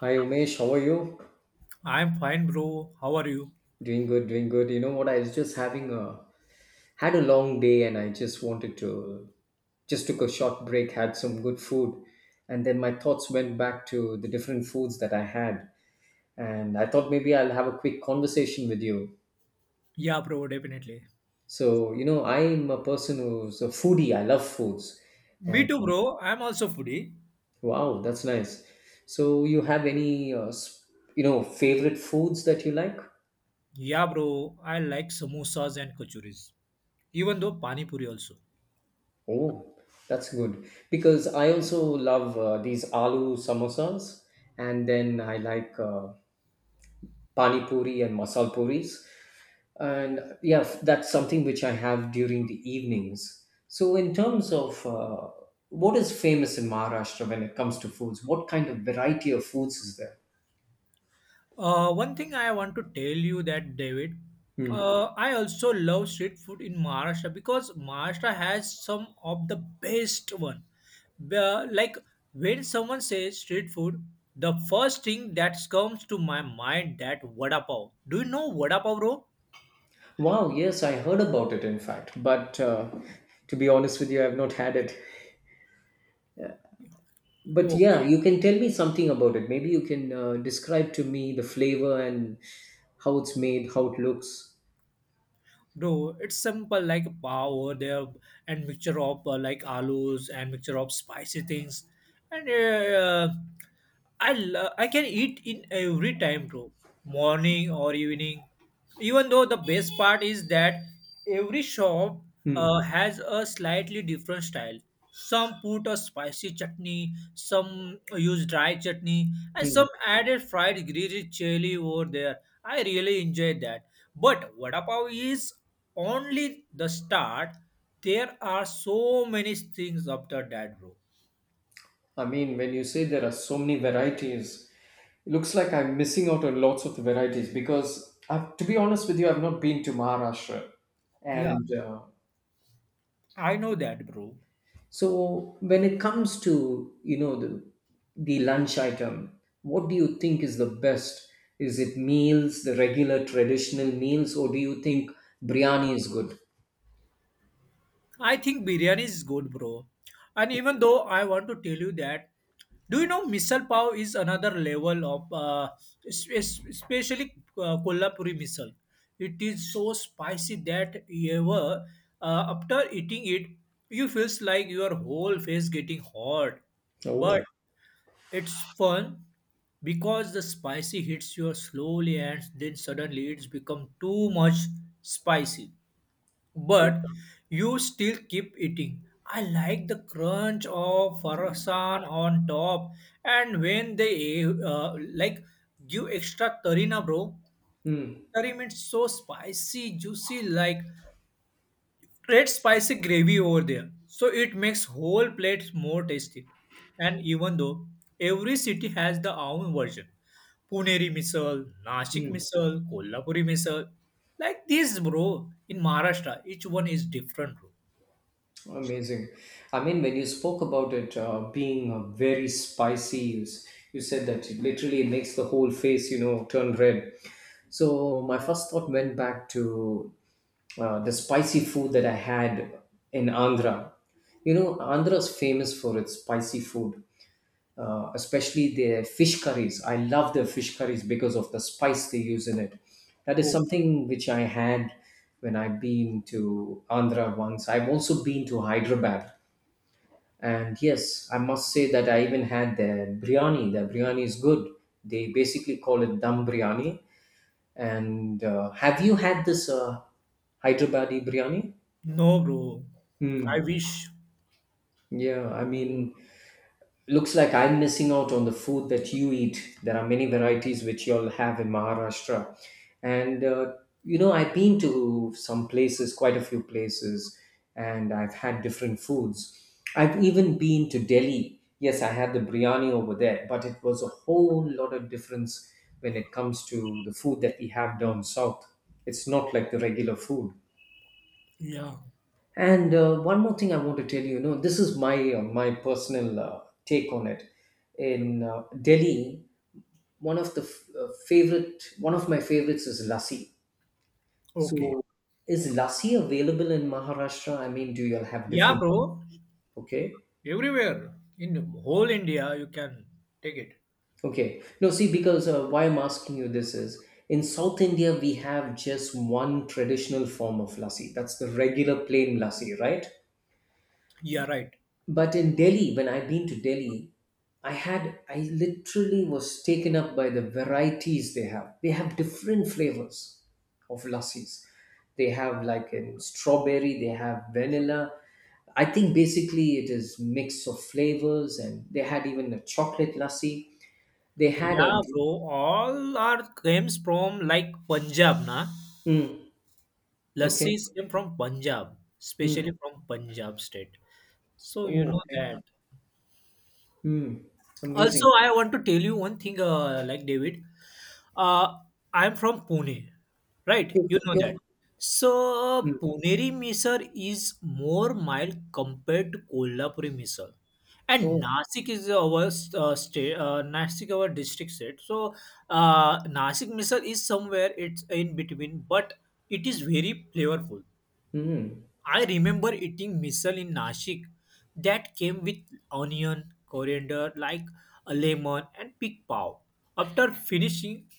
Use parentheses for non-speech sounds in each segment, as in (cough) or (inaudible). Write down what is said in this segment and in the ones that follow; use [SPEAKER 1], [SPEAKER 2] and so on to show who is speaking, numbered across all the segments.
[SPEAKER 1] Hi Umesh, how are you?
[SPEAKER 2] I'm fine, bro. How are you?
[SPEAKER 1] Doing good, doing good. You know what? I was just having a had a long day, and I just wanted to just took a short break, had some good food, and then my thoughts went back to the different foods that I had, and I thought maybe I'll have a quick conversation with you.
[SPEAKER 2] Yeah, bro, definitely.
[SPEAKER 1] So I'm a person who's a foodie. I love foods,
[SPEAKER 2] Me
[SPEAKER 1] and
[SPEAKER 2] too, bro. I'm also foodie.
[SPEAKER 1] wow, that's nice. So you have any favorite foods that you like?
[SPEAKER 2] Yeah, bro. I like samosas and kachuris. Even though pani puri also.
[SPEAKER 1] Oh, that's good because I also love these aloo samosas, and then I like pani puri and masal puris, and yeah, that's something which I have during the evenings. So, in terms of what is famous in Maharashtra when it comes to foods, what kind of variety of foods is there?
[SPEAKER 2] One thing I want to tell you that David,
[SPEAKER 1] Hmm.
[SPEAKER 2] I also love street food in Maharashtra because Maharashtra has some of the best one. Like when someone says street food, the first thing that comes to my mind that vada pav. Do you know vada pav, bro?
[SPEAKER 1] Wow, yes, I heard about it in fact, but to be honest with you, I have not had it. But yeah,
[SPEAKER 2] Okay.
[SPEAKER 1] you can tell me something about it. Maybe you can describe to me the flavor and how it's made, how it looks.
[SPEAKER 2] Bro, it's simple like pav over there and mixture of like alus and mixture of spicy things, and I can eat in every time, bro. Morning or evening. Even though the best part is that every shop
[SPEAKER 1] Hmm.
[SPEAKER 2] has a slightly different style. Some put a spicy chutney, some use dry chutney, and
[SPEAKER 1] Hmm.
[SPEAKER 2] some added fried green chili over there. I really enjoy that. But vada pav is only the start. There are so many things after that, bro.
[SPEAKER 1] I mean, when you say there are so many varieties, it looks like I'm missing out on lots of the varieties because, I've, to be honest with you, I've not been to Maharashtra.
[SPEAKER 2] Yeah.
[SPEAKER 1] And
[SPEAKER 2] I know that, bro.
[SPEAKER 1] So when it comes to the lunch item, what do you think is the best? Is it meals, the regular traditional meals, or do you think biryani is good?
[SPEAKER 2] I think biryani is good, bro. And even though I want to tell you that, do you know misal pav is another level of, especially Kolhapuri misal. It is so spicy that ever after eating it, you feels like your whole face getting hot. But
[SPEAKER 1] Oh.
[SPEAKER 2] it's fun because the spicy hits you slowly and then suddenly it's become too much spicy. But you still keep eating. I like the crunch of farsan on top and when they like give extra tarina, bro.
[SPEAKER 1] Hmm.
[SPEAKER 2] Tarina means so spicy, juicy like red spicy gravy over there. So it makes whole plates more tasty. And even though every city has the own version. Puneri misal, Nashik
[SPEAKER 1] Hmm.
[SPEAKER 2] misal, Kolhapuri misal. Like this, bro. In Maharashtra, each one is different, bro.
[SPEAKER 1] Amazing. I mean, when you spoke about it being very spicy, you said that it literally makes the whole face, turn red. So my first thought went back to the spicy food that I had in Andhra. You know, Andhra is famous for its spicy food especially their fish curries. I love their fish curries because of the spice they use in it. That is
[SPEAKER 2] Oh,
[SPEAKER 1] something which I had when I've been to Andhra once. I've also been to Hyderabad. And yes, I must say that I even had their biryani. Their biryani is good. They basically call it dum biryani. And have you had this Hyderabadi biryani?
[SPEAKER 2] no, bro.
[SPEAKER 1] Hmm.
[SPEAKER 2] I wish.
[SPEAKER 1] Yeah, I mean, looks like I'm missing out on the food that you eat. There are many varieties which y'all have in Maharashtra. And, I've been to some places, quite a few places, and I've had different foods. I've even been to Delhi. Yes, I had the biryani over there, but it was a whole lot of difference when it comes to the food that we have down south. It's not like the regular food.
[SPEAKER 2] Yeah.
[SPEAKER 1] And one more thing I want to tell you, this is my personal take on it. In Delhi, one of my favorites is lassi.
[SPEAKER 2] Okay.
[SPEAKER 1] So, is lassi available in Maharashtra? I mean, do you all have
[SPEAKER 2] Yeah,
[SPEAKER 1] different?
[SPEAKER 2] bro.
[SPEAKER 1] Okay,
[SPEAKER 2] Everywhere in whole India, you can take it.
[SPEAKER 1] okay. No, see, because why I'm asking you this is in South India we have just one traditional form of lassi. That's the regular plain lassi, right?
[SPEAKER 2] Yeah, right.
[SPEAKER 1] But in Delhi, when I've been to Delhi, I literally was taken up by the varieties they have. They have different flavors of lassis. They have like in strawberry, they have vanilla. I think basically it is mix of flavors, and they had even a chocolate lassi. They had
[SPEAKER 2] Yeah,
[SPEAKER 1] a
[SPEAKER 2] bro. All our games from like Punjab, na?
[SPEAKER 1] Mm, okay.
[SPEAKER 2] Lassis came from Punjab,
[SPEAKER 1] Mm,
[SPEAKER 2] especially from Punjab state. So you
[SPEAKER 1] oh,
[SPEAKER 2] know that.
[SPEAKER 1] okay. Mm, amazing.
[SPEAKER 2] Also, I want to tell you one thing, like David, uh, I'm from Pune, right?
[SPEAKER 1] You,
[SPEAKER 2] You know that.
[SPEAKER 1] you,
[SPEAKER 2] So,
[SPEAKER 1] mm,
[SPEAKER 2] Puneri misal is more mild compared to Kolhapuri misal. And
[SPEAKER 1] oh,
[SPEAKER 2] Nasik is our state, Nasik our district state. So, Nasik misal is somewhere it's in between, but it is very flavorful.
[SPEAKER 1] mm,
[SPEAKER 2] I remember eating misal in Nashik that came with onion, coriander, like a lemon, and pig pav. After finishing,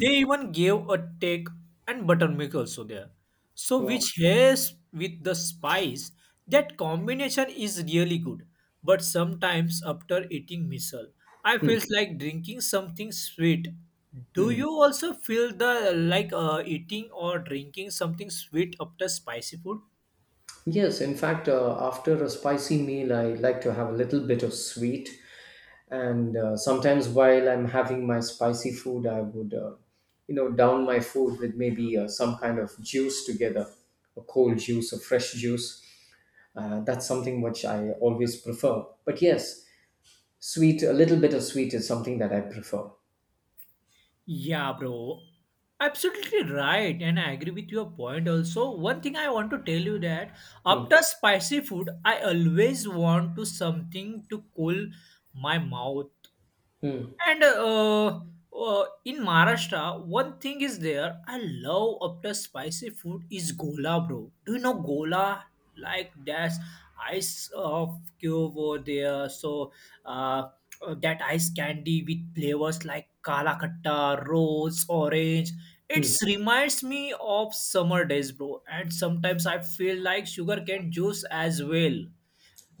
[SPEAKER 2] they even gave a take and buttermilk also there. So,
[SPEAKER 1] wow.
[SPEAKER 2] which has with the spice, that combination is really good. But sometimes after eating misal, I
[SPEAKER 1] Mm,
[SPEAKER 2] feels like drinking something sweet. Do
[SPEAKER 1] mm.
[SPEAKER 2] you also feel the like eating or drinking something sweet after spicy food?
[SPEAKER 1] Yes, in fact, after a spicy meal, I like to have a little bit of sweet. And sometimes while I'm having my spicy food, I would, down my food with maybe some kind of juice together, a cold juice, a fresh juice. That's something which I always prefer. But yes, sweet, a little bit of sweet is something that I prefer.
[SPEAKER 2] Yeah, bro. Absolutely right, and I agree with your point also. One thing I want to tell you that
[SPEAKER 1] Hmm.
[SPEAKER 2] after spicy food, I always want to something to cool my mouth
[SPEAKER 1] Hmm.
[SPEAKER 2] and in Maharashtra, one thing is there. I love after spicy food is gola, bro. Do you know gola? Like that's ice of cube over there. So uh, that ice candy with flavors like kala katta, rose, orange. It
[SPEAKER 1] Hmm.
[SPEAKER 2] reminds me of summer days, bro. And sometimes I feel like sugarcane juice as well.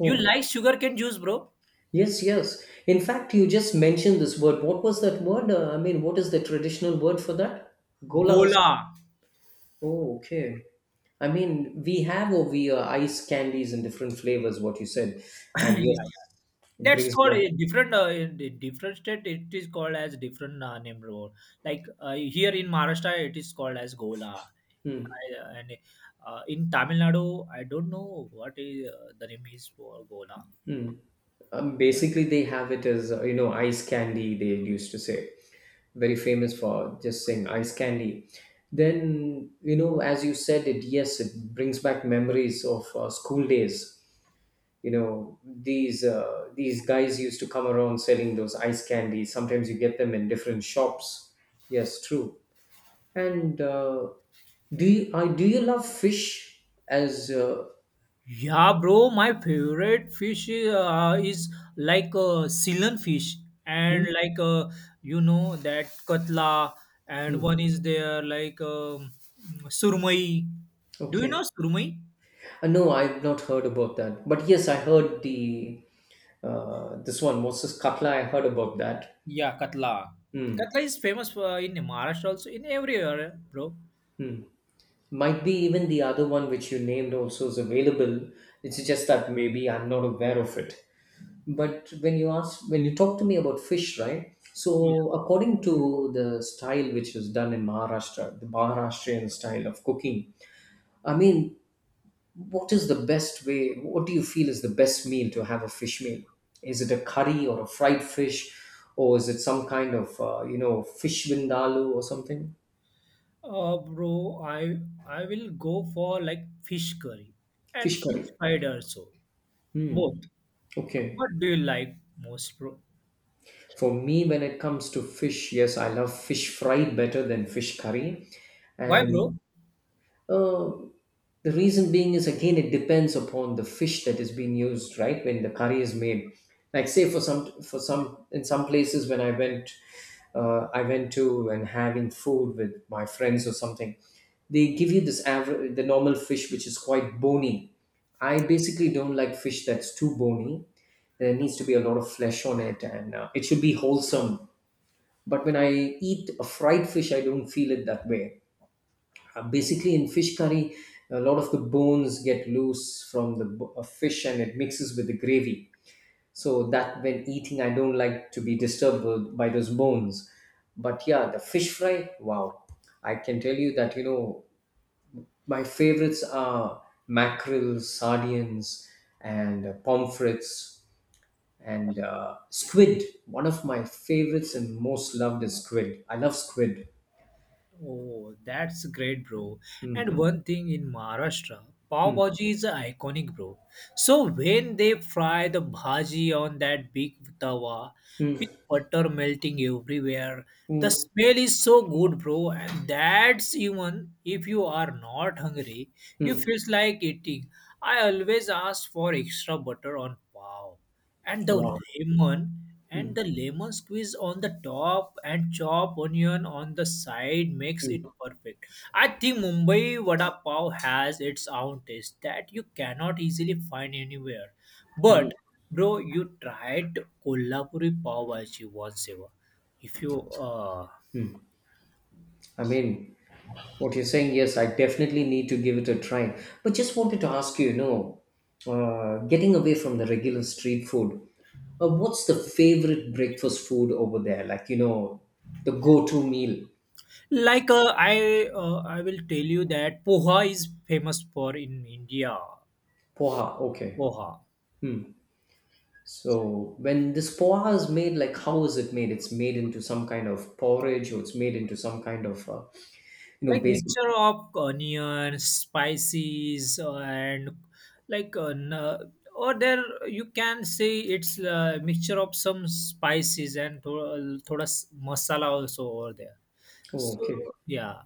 [SPEAKER 2] You like sugarcane juice, bro?
[SPEAKER 1] yes, yes. In fact, you just mentioned this word. What was that word? I mean, what is the traditional word for that? Golas.
[SPEAKER 2] Gola.
[SPEAKER 1] Oh, okay. I mean, we have over here ice candies in different flavors, what you said.
[SPEAKER 2] (laughs)
[SPEAKER 1] And
[SPEAKER 2] Yeah.
[SPEAKER 1] yes, it
[SPEAKER 2] That's
[SPEAKER 1] brings
[SPEAKER 2] called
[SPEAKER 1] back.
[SPEAKER 2] a different in the different state. It is called as different name road. Like here in Maharashtra, it is called as Gola,
[SPEAKER 1] Hmm,
[SPEAKER 2] and in Tamil Nadu, I don't know what is the name is for Gola.
[SPEAKER 1] hmm. Basically, they have it as, ice candy, they used to say. Very famous for just saying ice candy. Then, as you said it, yes, it brings back memories of school days. You know, these guys used to come around selling those ice candies. Sometimes you get them in different shops. Yes, true. And do you love fish? As
[SPEAKER 2] Yeah, bro, my favorite fish is like Ceylon fish,
[SPEAKER 1] Hmm?
[SPEAKER 2] and like you know that Katla, and
[SPEAKER 1] Hmm.
[SPEAKER 2] one is there like Surmai. Do you
[SPEAKER 1] Okay,
[SPEAKER 2] know Surmai?
[SPEAKER 1] no, I've not heard about that, but yes, I heard the this one moses katla, I heard about that.
[SPEAKER 2] Yeah, Katla.
[SPEAKER 1] Hmm.
[SPEAKER 2] Katla is famous for, in Maharashtra also, in everywhere, bro.
[SPEAKER 1] Hmm. Might be even the other one which you named also is available. It's just that maybe I'm not aware of it. But when you talk to me about fish, right?
[SPEAKER 2] Yeah.
[SPEAKER 1] So according to the style which is done in Maharashtra, the Maharashtrian style of cooking, I mean, what is the best way? What do you feel is the best meal to have a fish meal? Is it a curry or a fried fish, or is it some kind of fish vindaloo or something?
[SPEAKER 2] Bro, I will go for like fish curry and
[SPEAKER 1] Fish
[SPEAKER 2] fish
[SPEAKER 1] curry.
[SPEAKER 2] fried also.
[SPEAKER 1] Hmm.
[SPEAKER 2] Both. What
[SPEAKER 1] Okay.
[SPEAKER 2] do you like most, bro?
[SPEAKER 1] For me, when it comes to fish, yes, I love fish fry better than fish curry.
[SPEAKER 2] Why,
[SPEAKER 1] And
[SPEAKER 2] bro?
[SPEAKER 1] uh, the reason being is again it depends upon the fish that is being used, right? When the curry is made, like say for some in some places when I went to and having food with my friends or something, they give you this average the normal fish which is quite bony. I basically don't like fish that's too bony. There needs to be a lot of flesh on it, and it should be wholesome. But when I eat a fried fish, I don't feel it that way basically, in fish curry, a lot of the bones get loose from the fish and it mixes with the gravy. So that when eating, I don't like to be disturbed by those bones. But yeah, the fish fry, wow. I can tell you that, my favorites are mackerel, sardines, and pomfrets and squid. One of my favorites and most loved is squid. I love squid.
[SPEAKER 2] Oh, that's great, bro.
[SPEAKER 1] Mm,
[SPEAKER 2] And one thing in Maharashtra, pav
[SPEAKER 1] mm,
[SPEAKER 2] bhaji is iconic, bro. So when they fry the bhaji on that big tawa
[SPEAKER 1] mm,
[SPEAKER 2] with butter melting everywhere, the
[SPEAKER 1] mm,
[SPEAKER 2] smell is so good, bro. And that's even if you are not hungry, you
[SPEAKER 1] mm.
[SPEAKER 2] feels like eating. I always ask for extra butter on pav and the
[SPEAKER 1] Wow.
[SPEAKER 2] lemon
[SPEAKER 1] Hmm.
[SPEAKER 2] and the lemon squeeze on the top and chop onion on the side makes it
[SPEAKER 1] Mm,
[SPEAKER 2] perfect. I think Mumbai vada pav has its own taste that you cannot easily find anywhere.
[SPEAKER 1] mm.
[SPEAKER 2] But bro, you tried Kolhapuri pav bhaji once ever? if you uh
[SPEAKER 1] I mean, what you're saying, yes, I definitely need to give it a try. But just wanted to ask you, getting away from the regular street food, what's the favorite breakfast food over there? Like, the go to meal?
[SPEAKER 2] like uh, i uh, i will tell you that poha is famous for in India.
[SPEAKER 1] Poha, okay.
[SPEAKER 2] Poha,
[SPEAKER 1] Hmm. So, when this poha is made, like, how is it made? It's made into some kind of porridge or it's made into some kind of,
[SPEAKER 2] like
[SPEAKER 1] basic.
[SPEAKER 2] mixture of onion spices and like or there you can say it's a mixture of some spices and thoda, thoda masala also over there.
[SPEAKER 1] Oh,
[SPEAKER 2] So,
[SPEAKER 1] okay.
[SPEAKER 2] yeah.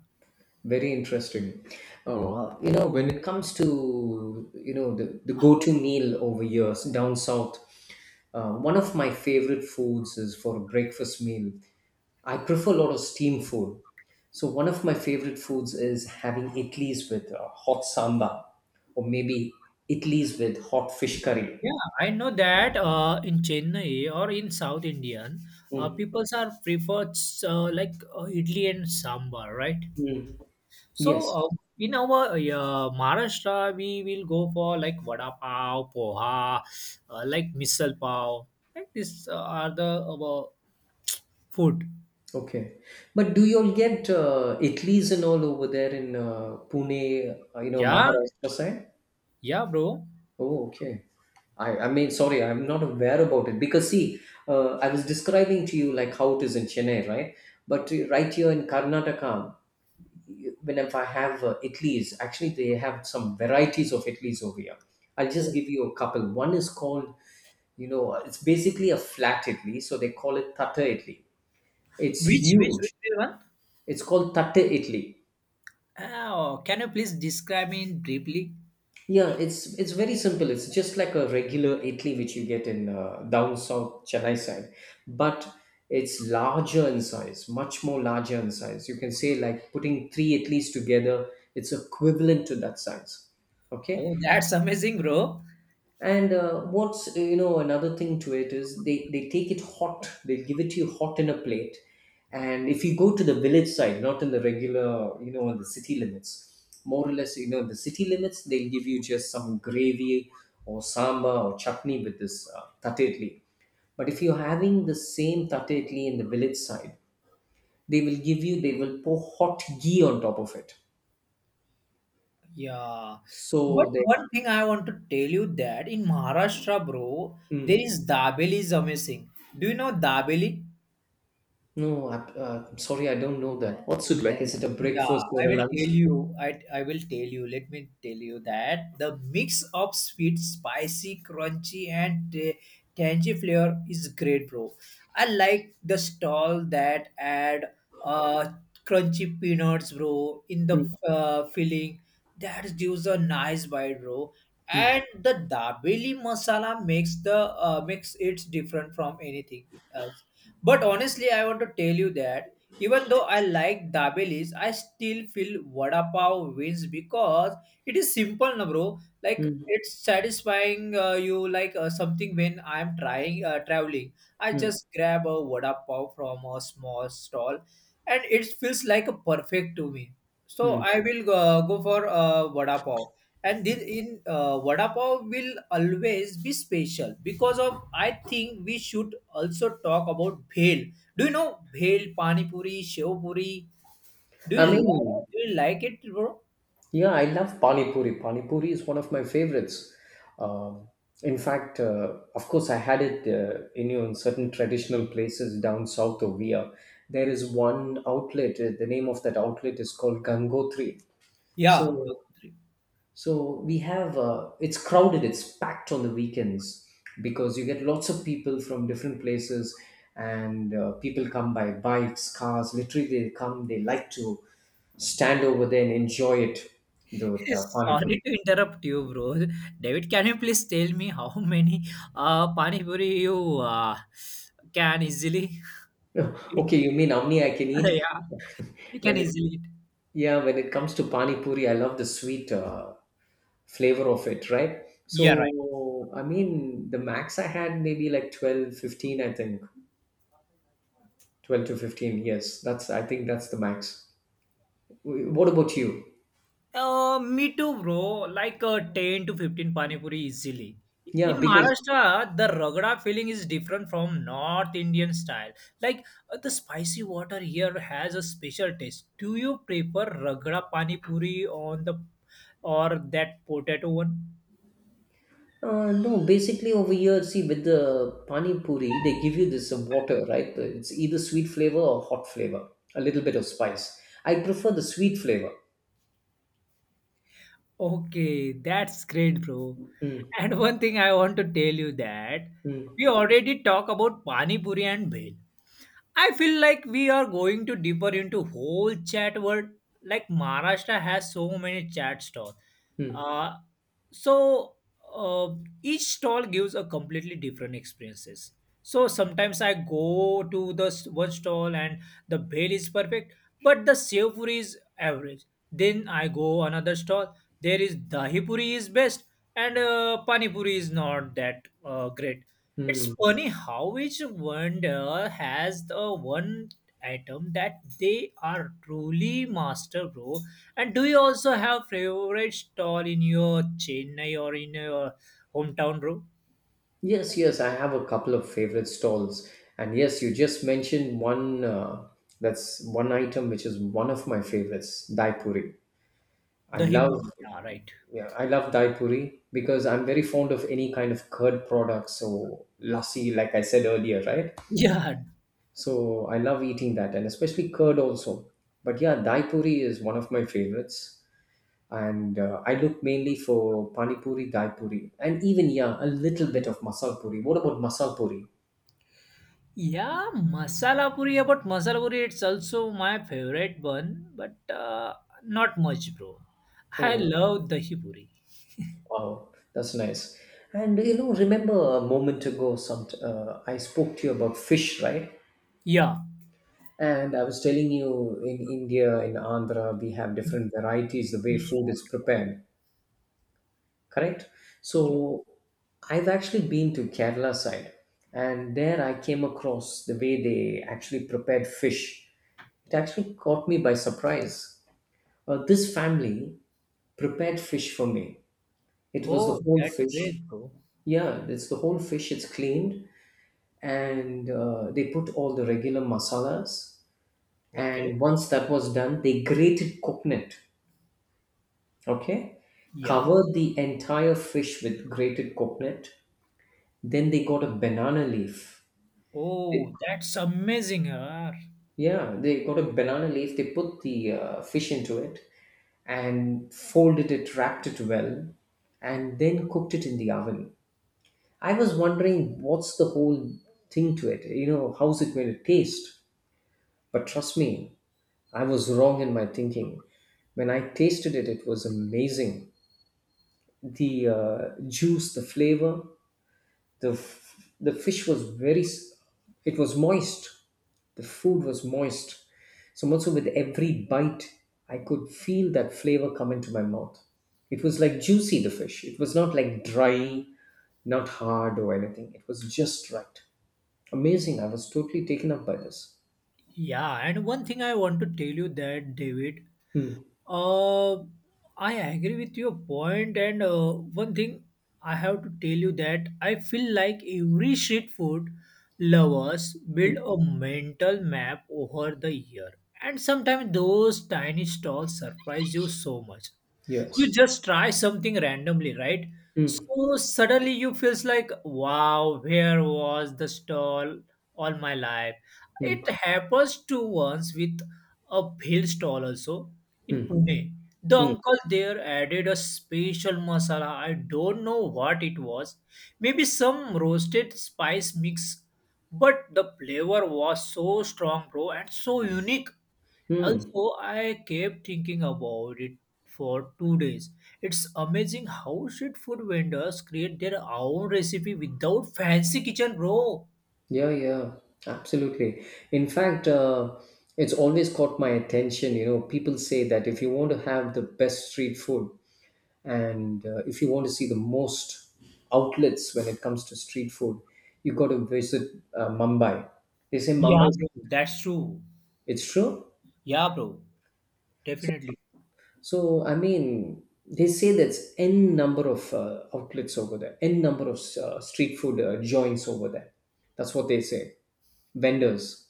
[SPEAKER 1] Very interesting. Oh, well, when it comes to, the go-to meal over years down south, one of my favorite foods is for a breakfast meal. I prefer a lot of steam food. So one of my favorite foods is having idlis with hot samba or maybe idlis with hot fish curry.
[SPEAKER 2] Yeah, I know that in Chennai or in South Indian
[SPEAKER 1] Mm,
[SPEAKER 2] people are preferred like idli and sambar, right?
[SPEAKER 1] mm.
[SPEAKER 2] So,
[SPEAKER 1] Yes.
[SPEAKER 2] in our yeah, Maharashtra, we will go for like vada pav, poha, like misal pav. Like these are the food.
[SPEAKER 1] Okay. But do you all get idlis and all over there in Pune,
[SPEAKER 2] Yeah,
[SPEAKER 1] Maharashtra side?
[SPEAKER 2] yeah, bro.
[SPEAKER 1] Oh, okay. I mean, sorry, I'm not aware about it because see, I was describing to you like how it is in Chennai, right? But right here in Karnataka, whenever I have idlis, actually they have some varieties of idlis over here. I'll just
[SPEAKER 2] Oh.
[SPEAKER 1] give you a couple. One is called, it's basically a flat idli, so they call it tatta idli. It's
[SPEAKER 2] Which
[SPEAKER 1] huge.
[SPEAKER 2] one?
[SPEAKER 1] It's called tatte idli.
[SPEAKER 2] Oh, can you please describe me briefly?
[SPEAKER 1] Yeah, it's very simple. It's just like a regular idli which you get in down south Chennai side, but it's larger in size, much more larger in size. You can say like putting three idlis together, it's equivalent to that size. Okay,
[SPEAKER 2] Oh, that's amazing, bro.
[SPEAKER 1] and what's another thing to it is they take it hot. They give it to you hot in a plate. And if you go to the village side, not in the regular in the city limits, more or less the city limits they'll give you just some gravy or sambar or chutney with this tate idli. But if you're having the same tate idli in the village side, they will pour hot ghee on top of it.
[SPEAKER 2] Yeah. But
[SPEAKER 1] So they.
[SPEAKER 2] one thing I want to tell you that in Maharashtra, bro, there
[SPEAKER 1] Mm.
[SPEAKER 2] is dabeli is amazing. Do you know dabeli?
[SPEAKER 1] No, I'm sorry, I don't know that. What it like? Is it a
[SPEAKER 2] Yeah,
[SPEAKER 1] breakfast or
[SPEAKER 2] I
[SPEAKER 1] a
[SPEAKER 2] will
[SPEAKER 1] lunch?
[SPEAKER 2] tell you. I will tell you. Let me tell you that the mix of sweet, spicy, crunchy, and tangy flavor is great, bro. I like the stall that add uh crunchy peanuts, bro, in the
[SPEAKER 1] Mm,
[SPEAKER 2] filling. That gives a nice bite, bro.
[SPEAKER 1] mm,
[SPEAKER 2] And the dabeli masala makes the makes it different from anything else. But honestly, I want to tell you that even though I like dabelis, I still feel vada pav wins because it is simple, na bro. Like
[SPEAKER 1] mm,
[SPEAKER 2] it's satisfying you like something when I'm trying traveling. I
[SPEAKER 1] mm,
[SPEAKER 2] just grab a vada pav from a small stall, and it feels like a perfect to me. So
[SPEAKER 1] mm.
[SPEAKER 2] I will go for vada pav, and this in vada pav will always be special because of I think we should also talk about bhel. Do you know bhel, pani puri, shev puri? do
[SPEAKER 1] I
[SPEAKER 2] you
[SPEAKER 1] mean,
[SPEAKER 2] like, do you like it, bro?
[SPEAKER 1] yeah, I love Pani Puri. Pani Puri is one of my favorites. Um, in fact, of course, I had it in, you know, in certain traditional places down south of here. There is one outlet. The name of that outlet is called Gangotri.
[SPEAKER 2] Yeah,
[SPEAKER 1] So
[SPEAKER 2] Gayatri.
[SPEAKER 1] So we have it's crowded, it's packed on the weekends because you get lots of people from different places, and people come by bikes, cars. Literally, they come. They like to stand over there and enjoy it. The,
[SPEAKER 2] (laughs)
[SPEAKER 1] the pani
[SPEAKER 2] Sorry
[SPEAKER 1] puri.
[SPEAKER 2] to interrupt you, bro. David, can you please tell me how many pani puri you uh, can easily
[SPEAKER 1] (laughs)
[SPEAKER 2] eat?
[SPEAKER 1] Okay, you mean how many I can
[SPEAKER 2] (laughs)
[SPEAKER 1] eat?
[SPEAKER 2] Yeah, you
[SPEAKER 1] (laughs)
[SPEAKER 2] can
[SPEAKER 1] When it,
[SPEAKER 2] easily eat,
[SPEAKER 1] yeah, when it comes to pani puri, I love the sweet flavor of it, right?
[SPEAKER 2] yeah.
[SPEAKER 1] So I mean, the max I had maybe like 12, 15. I think 12 to 15, yes, that's, I think that's the max. What about you?
[SPEAKER 2] Me too, bro. Like 10 to 15 pani puri easily.
[SPEAKER 1] Yeah,
[SPEAKER 2] In
[SPEAKER 1] because
[SPEAKER 2] Maharashtra, the ragda filling is different from North Indian style. Like the spicy water here has a special taste. Do you prefer ragda pani puri on the or that potato one?
[SPEAKER 1] no, basically over here, see with the pani puri, they give you this water, right? It's either sweet flavor or hot flavor, a little bit of spice. I prefer the sweet flavor.
[SPEAKER 2] Okay, that's great, bro.
[SPEAKER 1] Mm,
[SPEAKER 2] And one thing I want to tell you that
[SPEAKER 1] mm,
[SPEAKER 2] we already talk about pani puri and bhel. I feel like we are going to deeper into whole chat world. Like Maharashtra has so many chat stalls.
[SPEAKER 1] mm,
[SPEAKER 2] Uh, so uh, each stall gives a completely different experiences. So sometimes I go to the one stall and the bhel is perfect, but the sev puri is average. Then I go another stall. There is dahi puri is best and pani puri is not that great. It's
[SPEAKER 1] mm.
[SPEAKER 2] funny how each wonder has the one item that they are truly master, bro. And do you also have favorite stall in your Chennai or in your hometown, bro?
[SPEAKER 1] Yes, yes, I have a couple of favorite stalls, and yes, you just mentioned one. Uh, that's one item which is one of my favorites, daipuri. I
[SPEAKER 2] Dahi
[SPEAKER 1] love
[SPEAKER 2] puri, yeah, right.
[SPEAKER 1] Yeah, I love Dai Puri because I'm very fond of any kind of curd products. So lassi, like I said earlier, right?
[SPEAKER 2] Yeah,
[SPEAKER 1] So I love eating that, and especially curd also. But yeah, Dai Puri is one of my favorites, and I look mainly for Pani Puri, Dai Puri, and even yeah, a little bit of Masal Puri. What about Masal Puri?
[SPEAKER 2] yeah, masala puri. About masala puri, it's also my favorite one, but not much, bro. I
[SPEAKER 1] Oh
[SPEAKER 2] love dahi puri.
[SPEAKER 1] wow, that's nice. And you know, remember a moment ago, some I spoke to you about fish, right?
[SPEAKER 2] Yeah.
[SPEAKER 1] And I was telling you, in India, in Andhra, we have different varieties the way food
[SPEAKER 2] Yeah.
[SPEAKER 1] is prepared, correct?
[SPEAKER 2] Yeah.
[SPEAKER 1] So I've actually been to Kerala side, and there I came across the way they actually prepared fish. It actually caught me by surprise. This family prepared fish for me. It was the
[SPEAKER 2] Oh,
[SPEAKER 1] whole
[SPEAKER 2] that's great,
[SPEAKER 1] fish.
[SPEAKER 2] bro.
[SPEAKER 1] Yeah, it's the whole fish. It's cleaned, and they put all the regular masalas,
[SPEAKER 2] Okay.
[SPEAKER 1] and once that was done, they grated coconut, okay,
[SPEAKER 2] Yeah.
[SPEAKER 1] covered the entire fish with grated coconut, then they got a banana leaf. They-
[SPEAKER 2] Oh, that's amazing. Yaar.
[SPEAKER 1] yeah, they got a banana leaf, they put the fish into it and folded it, wrapped it well, and then cooked it in the oven. I was wondering what's the whole thing to it, you know, how's it going to taste. But trust me, I was wrong in my thinking. When I tasted it, it was amazing. The juice, the flavor. The f- the fish was very, it was moist. The food was moist. So much so with every bite, I could feel that flavor come into my mouth. It was like juicy, the fish. It was not like dry, not hard or anything. It was just right. Amazing. I was totally taken up by this.
[SPEAKER 2] Yeah, and one thing I want to tell you that David,
[SPEAKER 1] Hmm.
[SPEAKER 2] uh, I agree with your point, and one thing I have to tell you that I feel like every street food lovers
[SPEAKER 1] Hmm.
[SPEAKER 2] build a mental map over the year, and sometimes those tiny stalls surprise you so much. You
[SPEAKER 1] Yes.
[SPEAKER 2] just try something randomly, right?
[SPEAKER 1] Hmm.
[SPEAKER 2] So suddenly you feels like, wow, where was the stall all my life?
[SPEAKER 1] Hmm.
[SPEAKER 2] It happens to once with a hill stall also in
[SPEAKER 1] Hmm.
[SPEAKER 2] Pune. The
[SPEAKER 1] Hmm.
[SPEAKER 2] uncle there added a special masala. I don't know what it was. Maybe some roasted spice mix, but the flavor was so strong, bro, and so unique.
[SPEAKER 1] Hmm.
[SPEAKER 2] Also, I kept thinking about it for 2 days. It's amazing how street food vendors create their own recipe without fancy kitchen, bro.
[SPEAKER 1] Yeah, yeah, absolutely. In fact, it's always caught my attention. You know, people say that if you want to have the best street food and if you want to see the most outlets when it comes to street food, you got to visit Mumbai. They say Mumbai,
[SPEAKER 2] Yeah, bro, that's true.
[SPEAKER 1] it's true.
[SPEAKER 2] Yeah, bro, definitely.
[SPEAKER 1] So, I mean, they say there's n number of outlets over there, n number of street food joints over there. That's what they say, vendors.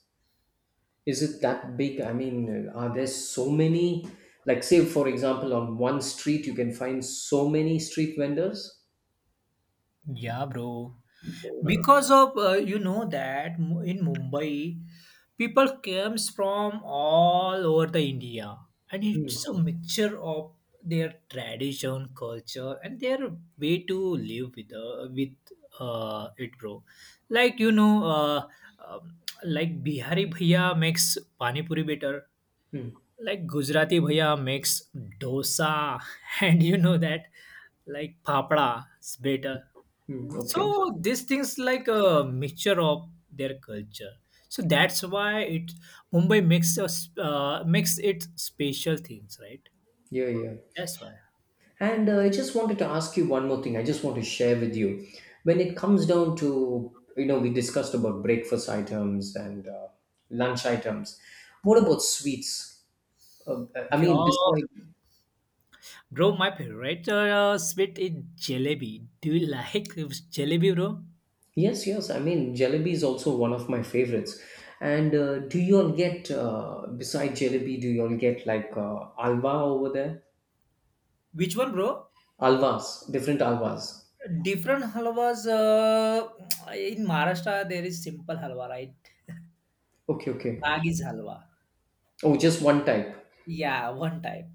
[SPEAKER 1] Is it that big? I mean, are there so many? Like, say, for example, on one street, you can find so many street vendors?
[SPEAKER 2] Yeah, bro. Because of you know that in Mumbai, people comes from all over the India, and it's
[SPEAKER 1] Mm,
[SPEAKER 2] a mixture of their tradition culture and their way to live with it, bro. Like you know um, like Bihari bhaiya makes pani puri better.
[SPEAKER 1] mm,
[SPEAKER 2] Like Gujarati bhaiya makes dosa. (laughs) And you know that like papda is better. So
[SPEAKER 1] okay.
[SPEAKER 2] these things like a mixture of their culture, so that's why it Mumbai makes us, makes it special things, right?
[SPEAKER 1] Yeah, yeah.
[SPEAKER 2] That's why.
[SPEAKER 1] And I just wanted to ask you one more thing. I just want to share with you. When it comes down to, you know, we discussed about breakfast items and lunch items. What about sweets? Uh, I mean,
[SPEAKER 2] Yeah,
[SPEAKER 1] besides.
[SPEAKER 2] bro, my favorite sweet is jalebi. Do you like jalebi, bro?
[SPEAKER 1] Yes, yes. I mean, jalebi is also one of my favorites. And do you all get, beside jalebi, do you all get like alwa over there?
[SPEAKER 2] Which one, bro?
[SPEAKER 1] Alvas, different alvas.
[SPEAKER 2] Different halwas, in Maharashtra there is simple halwa, right?
[SPEAKER 1] Okay, okay.
[SPEAKER 2] Ragis halwa.
[SPEAKER 1] Oh, just one type.
[SPEAKER 2] Yeah, one type.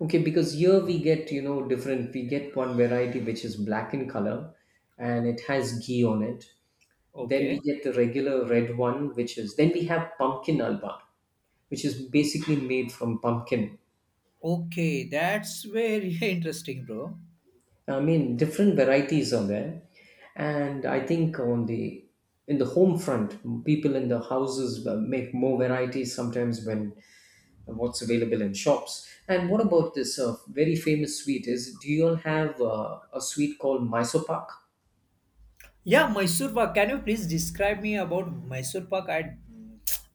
[SPEAKER 1] Okay, because here we get, you know, different, we get one variety which is black in color and it has ghee on it. Then
[SPEAKER 2] Okay.
[SPEAKER 1] we get the regular red one, which is, then we have pumpkin alwa, which is basically made from pumpkin.
[SPEAKER 2] Okay, that's very (laughs) interesting, bro.
[SPEAKER 1] I mean, different varieties are there, and I think on the in the home front, people in the houses make more varieties sometimes when what's available in shops. And what about this very famous sweet? Is do you all have a sweet called Mysore Pak?
[SPEAKER 2] Yeah, Mysore Pak. Can you please describe me about Mysore Pak? I,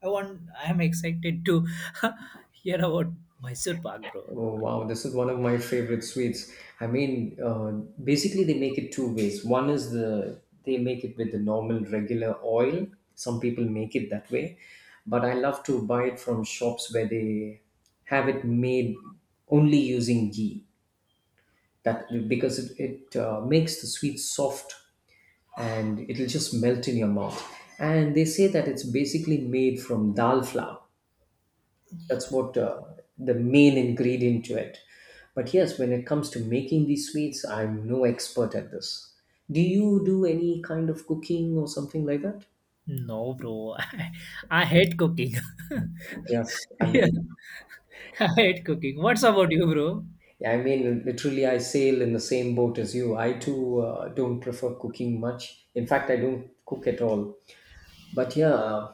[SPEAKER 2] I want. I am excited to (laughs) hear about Mysore Pak, bro.
[SPEAKER 1] Oh, wow, this is one of my favorite sweets. I mean, basically, they make it two ways. One is the they make it with the normal regular oil. Some people make it that way, but I love to buy it from shops where they have it made only using ghee. That because it makes the sweet soft and it'll just melt in your mouth. And they say that it's basically made from dal flour. That's what the main ingredient to it. But yes, when it comes to making these sweets, I'm no expert at this. Do you do any kind of cooking or something like that?
[SPEAKER 2] No, bro. (laughs) I hate cooking. (laughs)
[SPEAKER 1] yes i
[SPEAKER 2] Yeah,
[SPEAKER 1] mean
[SPEAKER 2] I hate cooking. What's about you, bro?
[SPEAKER 1] I mean literally I sail in the same boat as you. I too don't prefer cooking much. In fact, I don't cook at all. But yeah,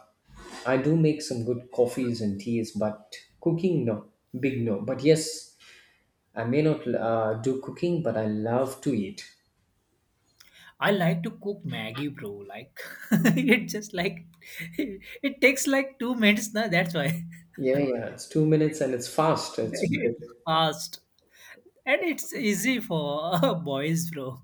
[SPEAKER 1] I do make some good coffees and teas, but cooking, no. Big no. But yes, I may not do cooking, but I love to eat.
[SPEAKER 2] I like to cook Maggie, bro. Like (laughs) it just like (laughs) it takes like 2 minutes, na. That's why
[SPEAKER 1] Yeah, yeah. It's 2 minutes and it's fast.
[SPEAKER 2] (laughs)
[SPEAKER 1] It's
[SPEAKER 2] it's
[SPEAKER 1] brilliant.
[SPEAKER 2] fast and it's easy for (laughs) boys, bro.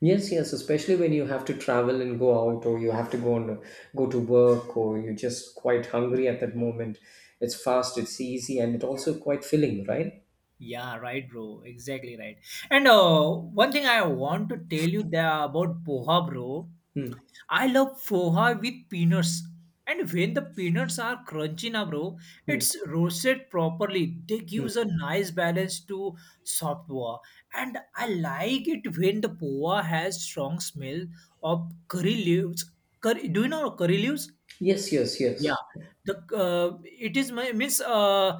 [SPEAKER 1] Yes, yes. Especially when you have to travel and go out, or you have to go and go to work, or you're just quite hungry at that moment. It's fast. It's easy, and it's also quite filling, right?
[SPEAKER 2] Yeah, right, bro. Exactly right. And one thing I want to tell you there about poha, bro.
[SPEAKER 1] Hmm.
[SPEAKER 2] I love poha with peanuts. And when the peanuts are crunchy na, bro,
[SPEAKER 1] Hmm.
[SPEAKER 2] it's roasted properly. They
[SPEAKER 1] Hmm.
[SPEAKER 2] gives a nice balance to soft poha. And I like it when the poha has strong smell of curry leaves. Curry, do you know curry leaves?
[SPEAKER 1] Yes, yes,
[SPEAKER 2] Yeah,
[SPEAKER 1] yes.
[SPEAKER 2] the it is my means.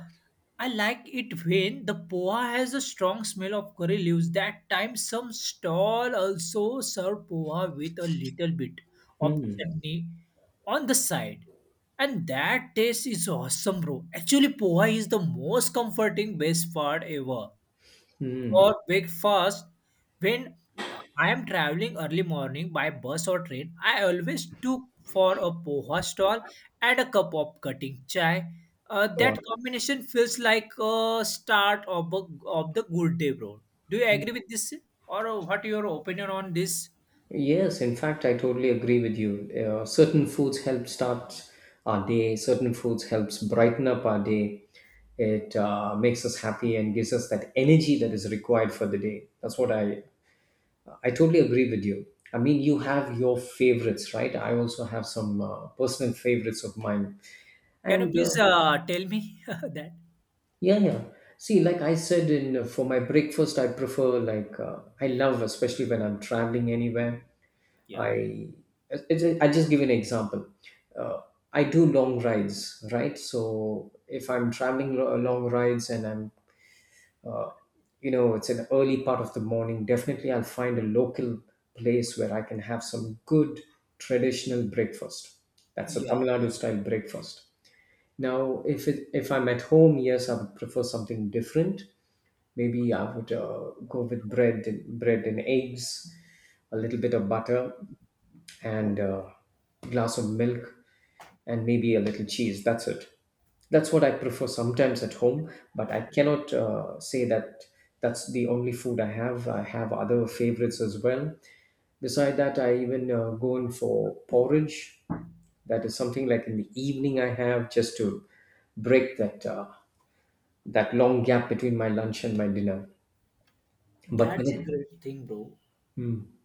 [SPEAKER 2] I like it when the poha has a strong smell of curry leaves. That time, some stall also serve poha with a little bit of
[SPEAKER 1] Hmm.
[SPEAKER 2] chutney on the side, and that taste is awesome, bro. Actually, poha is the most comforting best part ever
[SPEAKER 1] Hmm.
[SPEAKER 2] for breakfast when I am traveling early morning by bus or train. I always took for a poha stall and a cup of cutting chai. That combination feels like a start of the good day, bro. Do you agree with this, or what your opinion on this?
[SPEAKER 1] Yes, in fact, I totally agree with you. Certain foods help start our day. Certain foods helps brighten up our day. It makes us happy and gives us that energy that is required for the day. That's what I totally agree with you. I mean, you have your favorites, right? I also have some personal favorites of mine.
[SPEAKER 2] Can you
[SPEAKER 1] And
[SPEAKER 2] please tell me (laughs) that?
[SPEAKER 1] yeah, yeah. See, like I said, in for my breakfast, I prefer like I love, especially when I'm traveling anywhere.
[SPEAKER 2] Yeah,
[SPEAKER 1] I I just give you an example. Uh, I do long rides, right? So if I'm traveling long rides and I'm, uh, you know, it's an early part of the morning, definitely I'll find a local place where I can have some good traditional breakfast. That's a
[SPEAKER 2] yeah.
[SPEAKER 1] Tamil Nadu style breakfast. Now, if I'm at home, yes, I would prefer something different. Maybe I would go with bread and bread and eggs, a little bit of butter
[SPEAKER 2] Oh,
[SPEAKER 1] and a glass of milk and maybe a little cheese. That's it. That's what I prefer sometimes at home, but I cannot say that that's the only food I have. I have other favorites as well. Beside that, I even go in for porridge. That is something like in the evening I have just to break that that long gap between my lunch and my dinner. But when
[SPEAKER 2] that's a
[SPEAKER 1] it,
[SPEAKER 2] great thing, bro.
[SPEAKER 1] Hmm.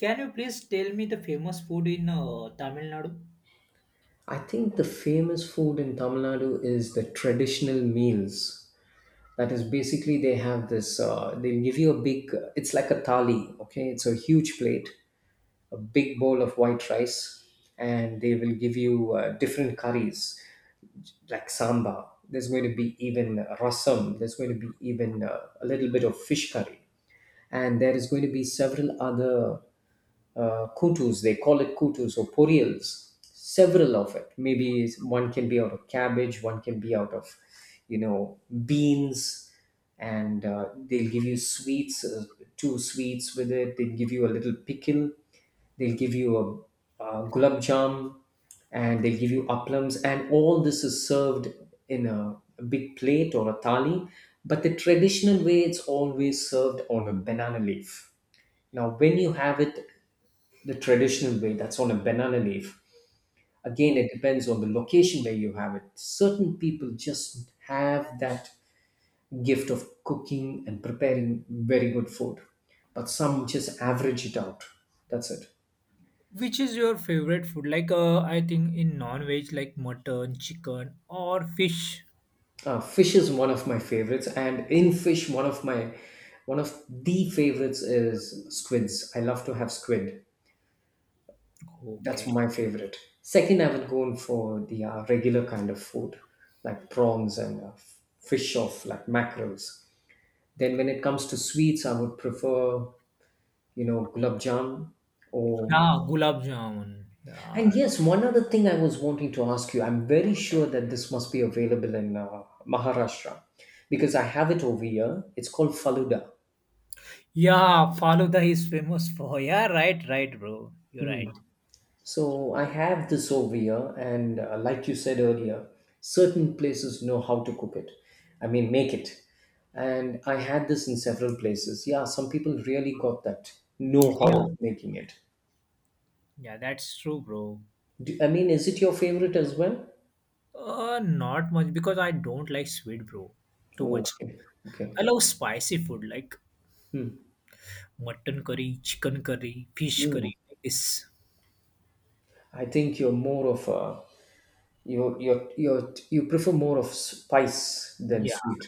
[SPEAKER 2] Can you please tell me the famous food in Tamil Nadu?
[SPEAKER 1] I think the famous food in Tamil Nadu is the traditional meals. That is basically they have this. They give you a big. It's like a thali. Okay, it's a huge plate, a big bowl of white rice, and they will give you different curries like samba. There's going to be even rasam. There's going to be even a little bit of fish curry and there is going to be several other kutus. They call it kutus or porials. Several of it. Maybe one can be out of cabbage, one can be out of, you know, beans, and they'll give you sweets, two sweets with it. They'll give you a little pickle. They'll give you a gulab jam, and they'll give you applams, and all this is served in a big plate or a thali. But the traditional way, it's always served on a banana leaf. Now, when you have it the traditional way, that's on a banana leaf. Again, it depends on the location where you have it. Certain people just have that gift of cooking and preparing very good food, but some just average it out. That's it.
[SPEAKER 2] Which is your favorite food? Like, I think in non-veg, like mutton, chicken, or fish.
[SPEAKER 1] Fish is one of my favorites, and in fish, one of my, one of the favorites is squids. I love to have squid. That's
[SPEAKER 2] Okay.
[SPEAKER 1] my favorite. Second, I would go in for the regular kind of food, like prawns and fish of like mackerels. Then, when it comes to sweets, I would prefer, you know, gulab jam or,
[SPEAKER 2] Yeah, gulab jamun. Yeah.
[SPEAKER 1] and yes, one other thing I was wanting to ask you. I'm very sure that this must be available in Maharashtra because I have it over here. It's called faluda.
[SPEAKER 2] Yeah, Faluda is famous for. Yeah, right, right, bro. You're right.
[SPEAKER 1] Mm. So I have this over here, and like you said earlier, certain places know how to cook it. I mean, make it. And I had this in several places. Yeah, some people really got that know how of
[SPEAKER 2] Yeah.
[SPEAKER 1] making it.
[SPEAKER 2] Yeah, that's true, bro.
[SPEAKER 1] Do, I mean, is it your favorite as well?
[SPEAKER 2] Not much because I don't like sweet, bro. Too
[SPEAKER 1] Oh,
[SPEAKER 2] much.
[SPEAKER 1] okay, okay.
[SPEAKER 2] I love spicy food like mutton curry, chicken curry, fish curry,
[SPEAKER 1] Mm.
[SPEAKER 2] like this.
[SPEAKER 1] I think you're more of a you prefer more of spice than
[SPEAKER 2] Yeah.
[SPEAKER 1] sweet.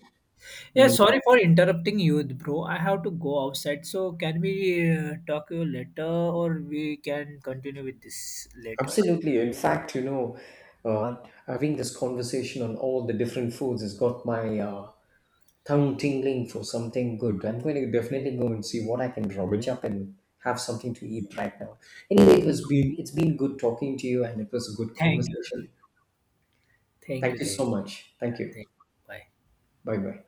[SPEAKER 2] Yeah,
[SPEAKER 1] Maybe.
[SPEAKER 2] sorry for interrupting you, bro. I have to go outside. So, can we talk you later or we can continue with this later?
[SPEAKER 1] Absolutely. In fact, you know, uh, having this conversation on all the different foods has got my tongue tingling for something good. I'm going to definitely go and see what I can rummage up and have something to eat right now. Anyway, it was been, it's been good talking to you, and it was a good
[SPEAKER 2] Thank you.
[SPEAKER 1] conversation.
[SPEAKER 2] Thank
[SPEAKER 1] Thank
[SPEAKER 2] you.
[SPEAKER 1] you
[SPEAKER 2] Thank
[SPEAKER 1] so
[SPEAKER 2] you.
[SPEAKER 1] much. Thank you.
[SPEAKER 2] Thank you. Bye.
[SPEAKER 1] Bye bye.